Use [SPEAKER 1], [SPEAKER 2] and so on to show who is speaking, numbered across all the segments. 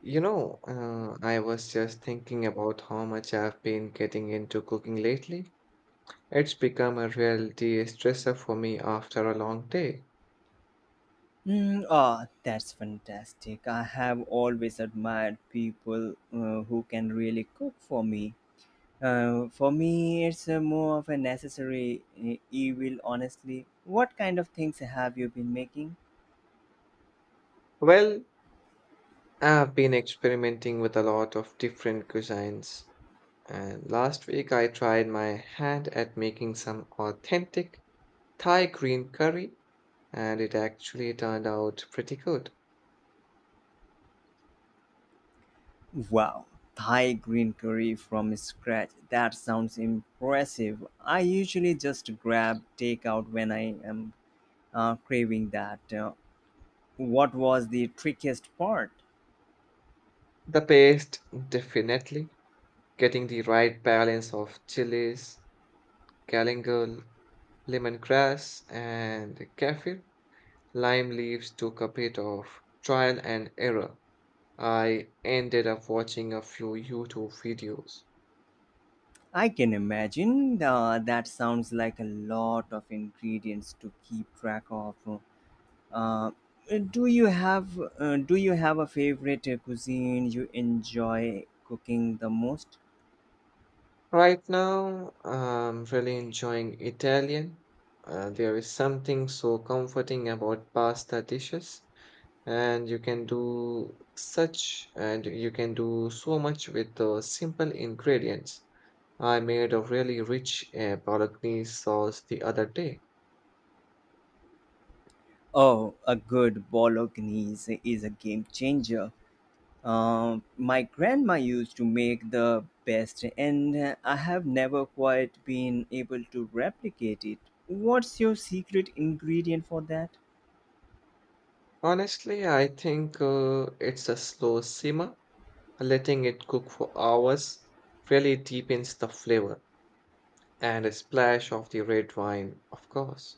[SPEAKER 1] I was just thinking about how much I've been getting into cooking lately. It's become a reality stressor for me after a long day.
[SPEAKER 2] That's fantastic. I have always admired people who can really cook for me. For me, it's more of a necessary evil, honestly. What kind of things have you been making?
[SPEAKER 1] Well, I've been experimenting with a lot of different cuisines, and last week I tried my hand at making some authentic Thai green curry, and it actually turned out pretty good.
[SPEAKER 2] Wow, Thai green curry from scratch. That sounds impressive. I usually just grab takeout when I am craving that. What was the trickiest part?
[SPEAKER 1] The paste, definitely. Getting the right balance of chilies, Galangal, lemongrass, and kaffir lime leaves took a bit of trial and error. I ended up watching a few YouTube videos.
[SPEAKER 2] I can imagine. That sounds like a lot of ingredients to keep track of. Uh, uh, do you have Do you have a favorite cuisine you enjoy cooking the most?
[SPEAKER 1] Right now, I'm really enjoying Italian. There is something so comforting about pasta dishes, and you can do so much with the simple ingredients. I made a really rich bolognese sauce the other day.
[SPEAKER 2] Oh, a good bolognese is a game changer. My grandma used to make the best, and I have never quite been able to replicate it. What's your secret ingredient for that?
[SPEAKER 1] Honestly, I think it's a slow simmer. Letting it cook for hours really deepens the flavor, and a splash of the red wine, of course.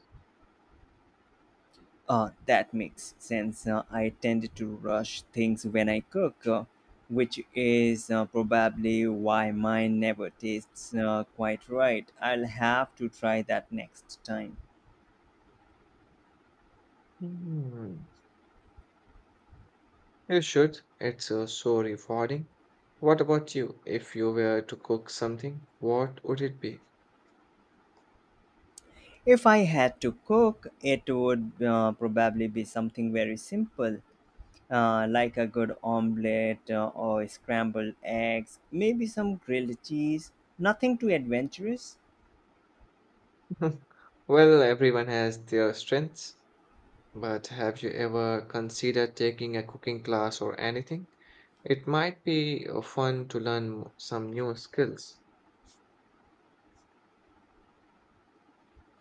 [SPEAKER 2] That makes sense. I tend to rush things when I cook, which is probably why mine never tastes quite right. I'll have to try that next time.
[SPEAKER 1] Hmm. You should. It's so rewarding. What about you? If you were to cook something, what would it be?
[SPEAKER 2] If I had to cook, it would probably be something very simple, like a good omelette or scrambled eggs, maybe some grilled cheese. Nothing too adventurous.
[SPEAKER 1] Well, everyone has their strengths, but have you ever considered taking a cooking class or anything? It might be fun to learn some new skills.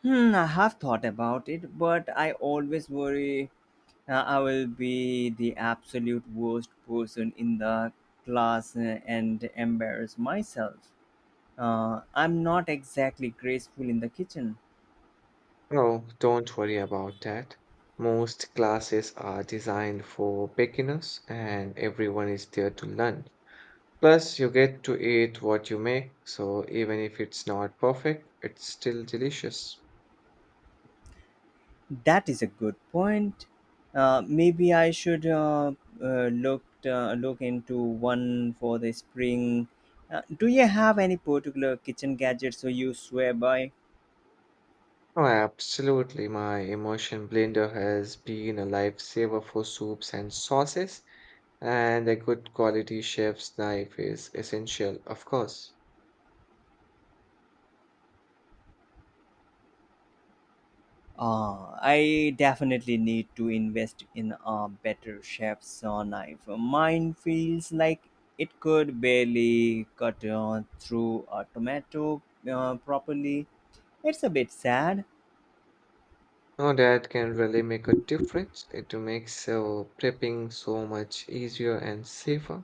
[SPEAKER 2] Hmm, I have thought about it, but I always worry I will be the absolute worst person in the class and embarrass myself. I'm not exactly graceful in the kitchen.
[SPEAKER 1] No, don't worry about that. Most classes are designed for beginners and everyone is there to learn. Plus, you get to eat what you make, so even if it's not perfect, it's still delicious.
[SPEAKER 2] That is a good point. Maybe I should look into one for the spring. Do you have any particular kitchen gadgets so you swear by?
[SPEAKER 1] Oh, absolutely. My immersion blender has been a lifesaver for soups and sauces, and a good quality chef's knife is essential, of course.
[SPEAKER 2] I definitely need to invest in a better chef's knife. Mine feels like it could barely cut through a tomato properly. It's a bit sad.
[SPEAKER 1] Now that can really make a difference. It makes prepping so much easier and safer.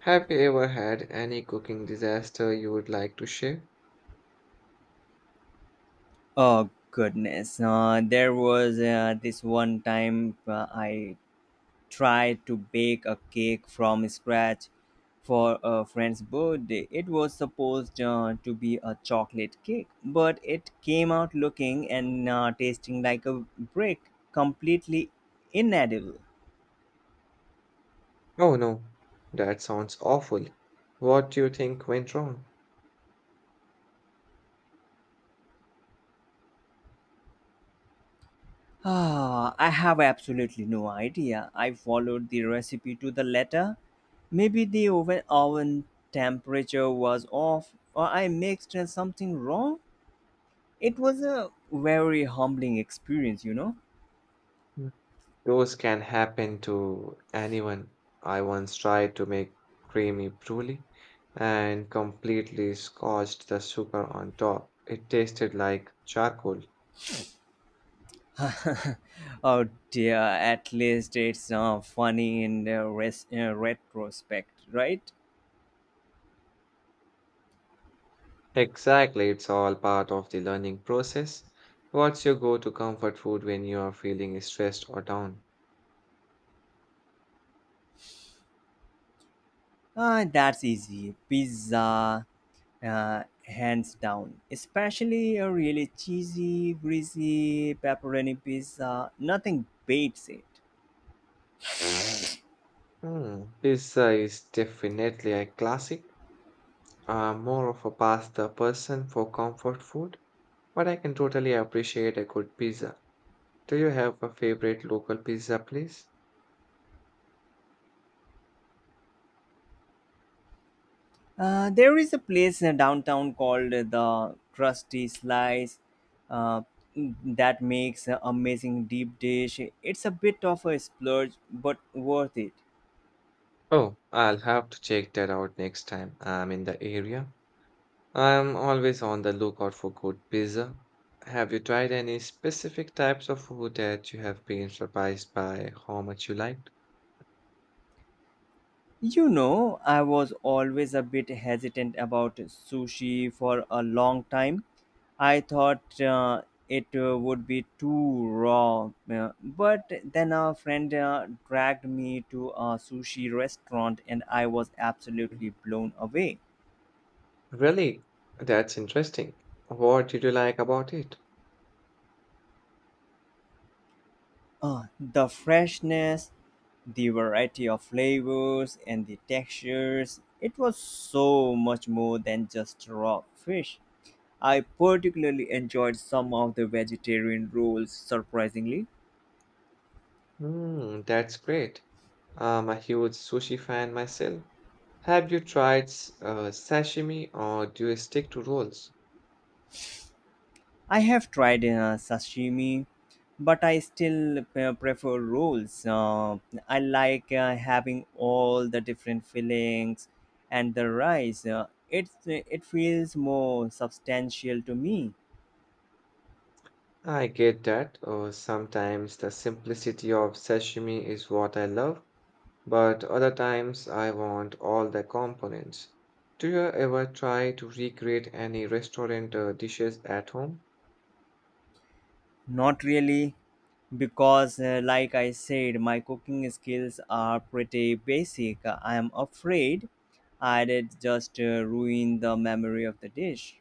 [SPEAKER 1] Have you ever had any cooking disaster you would like to share?
[SPEAKER 2] Oh goodness! There was this one time I try to bake a cake from scratch for a friend's birthday. It was supposed to be a chocolate cake, but it came out looking and tasting like a brick, completely inedible.
[SPEAKER 1] Oh no, that sounds awful. What do you think went wrong?
[SPEAKER 2] Ah, I have absolutely no idea. I followed the recipe to the letter. Maybe the oven temperature was off, or I mixed something wrong. It was a very humbling experience.
[SPEAKER 1] Mm. Those can happen to anyone. I once tried to make creamy brulee and completely scorched the sugar on top. It tasted like charcoal.
[SPEAKER 2] Oh dear, at least it's funny in the retrospect, right?
[SPEAKER 1] Exactly, it's all part of the learning process. What's your go-to comfort food when you are feeling stressed or down?
[SPEAKER 2] Ah, that's easy. Pizza, hands down. Especially a really cheesy, greasy pepperoni pizza. Nothing beats it.
[SPEAKER 1] Hmm, pizza is definitely a classic. I'm more of a pasta person for comfort food, but I can totally appreciate a good pizza. Do you have a favorite local pizza place?
[SPEAKER 2] There is a place in downtown called the Krusty Slice uh, that makes an amazing deep dish. It's a bit of a splurge, but worth it.
[SPEAKER 1] Oh, I'll have to check that out next time I'm in the area. I'm always on the lookout for good pizza. Have you tried any specific types of food that you have been surprised by how much you liked?
[SPEAKER 2] I was always a bit hesitant about sushi for a long time. I thought it would be too raw. But then a friend dragged me to a sushi restaurant and I was absolutely blown away.
[SPEAKER 1] Really? That's interesting. What did you like about it?
[SPEAKER 2] The freshness, the variety of flavors, and the textures, it was so much more than just raw fish. I particularly enjoyed some of the vegetarian rolls, surprisingly.
[SPEAKER 1] Hmm, that's great. I'm a huge sushi fan myself. Have you tried sashimi or do you stick to rolls?
[SPEAKER 2] I have tried sashimi, but I still prefer rolls. I like having all the different fillings and the rice. It feels more substantial to me.
[SPEAKER 1] I get that. Sometimes the simplicity of sashimi is what I love, but other times I want all the components. Do you ever try to recreate any restaurant dishes at home?
[SPEAKER 2] Not really, because, like I said, my cooking skills are pretty basic. I am afraid I'd just ruin the memory of the dish.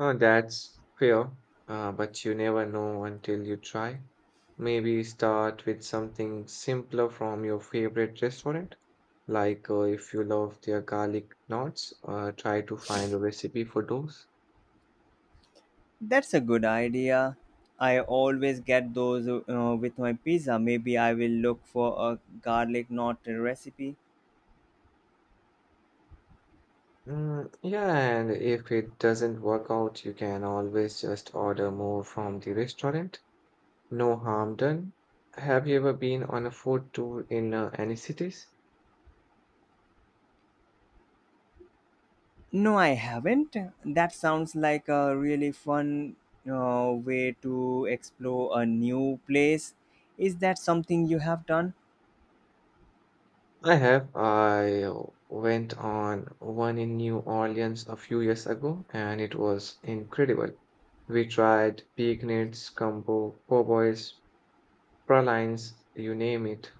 [SPEAKER 1] Oh, that's fair, but you never know until you try. Maybe start with something simpler from your favorite restaurant. Like, if you love their garlic knots, try to find a recipe for those.
[SPEAKER 2] That's a good idea. I always get those with my pizza. Maybe I will look for a garlic knot recipe.
[SPEAKER 1] Mm, yeah, and if it doesn't work out, you can always just order more from the restaurant. No harm done. Have you ever been on a food tour in any cities?
[SPEAKER 2] No, I haven't. That sounds like a really fun way to explore a new place. Is that something you have done?
[SPEAKER 1] I have. I went on one in New Orleans a few years ago and it was incredible. We tried pignettes, gumbo, cowboys, pralines, you name it.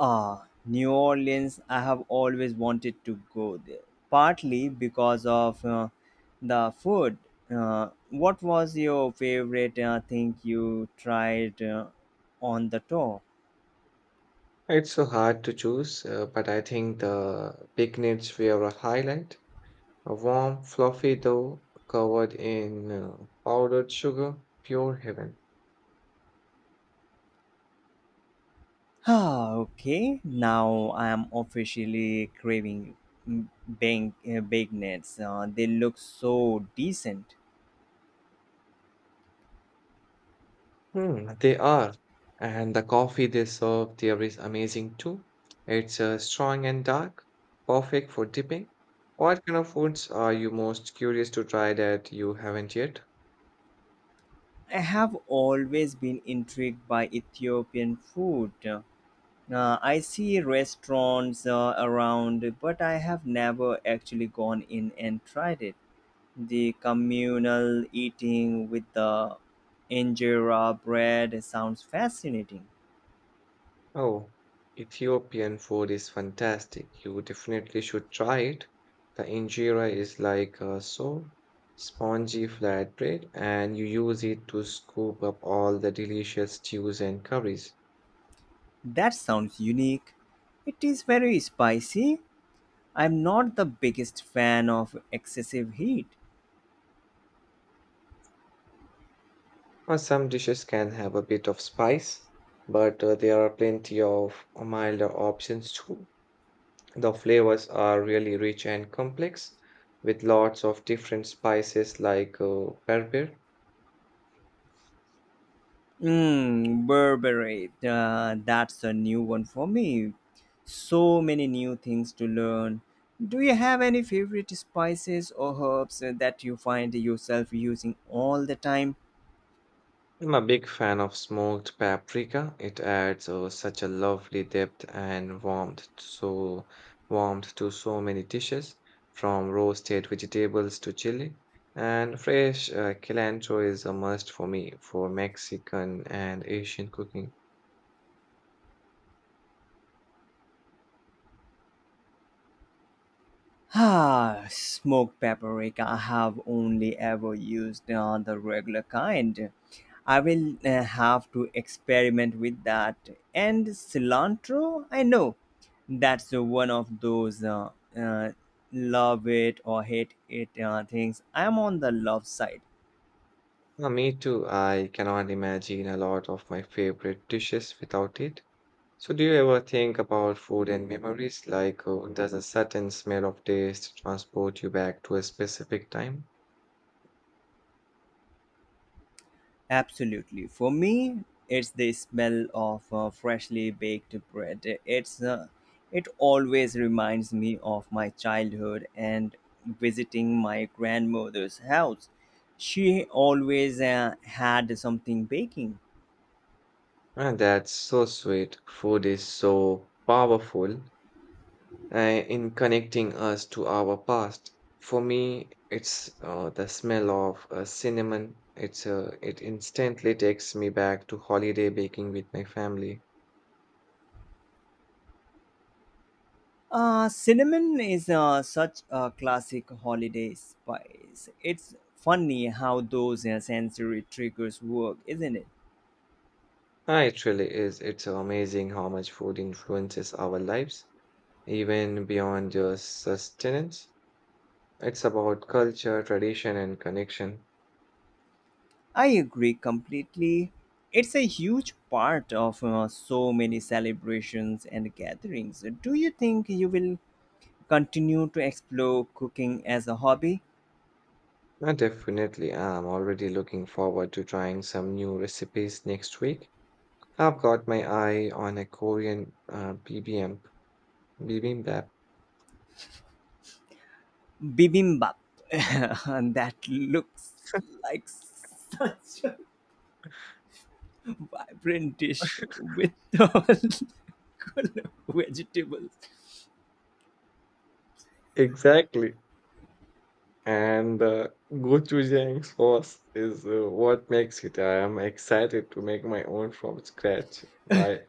[SPEAKER 2] Ah, New Orleans. I have always wanted to go there, partly because of the food. What was your favorite thing you tried on the tour?
[SPEAKER 1] It's so hard to choose, but I think the picnics were a highlight. A warm, fluffy dough covered in powdered sugar, pure heaven.
[SPEAKER 2] Ah, okay. Now I am officially craving bang, baked nuts. They look so decent.
[SPEAKER 1] Hmm, they are. And the coffee they serve there is amazing too. It's strong and dark, perfect for dipping. What kind of foods are you most curious to try that you haven't yet?
[SPEAKER 2] I have always been intrigued by Ethiopian food. I see restaurants around, but I have never actually gone in and tried it. The communal eating with the injera bread sounds fascinating.
[SPEAKER 1] Oh, Ethiopian food is fantastic. You definitely should try it. The injera is like a so spongy flatbread, and you use it to scoop up all the delicious stews and curries.
[SPEAKER 2] That sounds unique. It is very spicy. I'm not the biggest fan of excessive heat.
[SPEAKER 1] Some dishes can have a bit of spice, but there are plenty of milder options too. The flavors are really rich and complex, with lots of different spices like pepper.
[SPEAKER 2] Mm, Burberry. That's a new one for me. So many new things to learn. Do you have any favorite spices or herbs that you find yourself using all the time?
[SPEAKER 1] I'm a big fan of smoked paprika. It adds such a lovely depth and warmth to so many dishes, from roasted vegetables to chili. And fresh cilantro is a must for me for Mexican and Asian cooking.
[SPEAKER 2] Ah, smoked paprika. I have only ever used the regular kind. I will have to experiment with that. And cilantro, I know that's one of those uh, love it or hate it things. I'm on the love side.
[SPEAKER 1] Me too. I cannot imagine a lot of my favorite dishes without it. So, do you ever think about food and memories? Like, does a certain smell of taste transport you back to a specific time?
[SPEAKER 2] Absolutely. For me, it's the smell of freshly baked bread. It always reminds me of my childhood and visiting my grandmother's house. She always had something baking.
[SPEAKER 1] And that's so sweet. Food is so powerful in connecting us to our past. For me, it's the smell of cinnamon. It instantly takes me back to holiday baking with my family.
[SPEAKER 2] Cinnamon is such a classic holiday spice. It's funny how those sensory triggers work, isn't it?
[SPEAKER 1] Ah, it really is. It's amazing how much food influences our lives, even beyond just sustenance. It's about culture, tradition, and connection.
[SPEAKER 2] I agree completely. It's a huge part of so many celebrations and gatherings. Do you think you will continue to explore cooking as a hobby?
[SPEAKER 1] Definitely, I'm already looking forward to trying some new recipes next week. I've got my eye on a Korean bibimbap.
[SPEAKER 2] Bibimbap. That looks like such a vibrant dish with all good vegetables.
[SPEAKER 1] Exactly. And the gochujang sauce is what makes it. I am excited to make my own from scratch. Bye.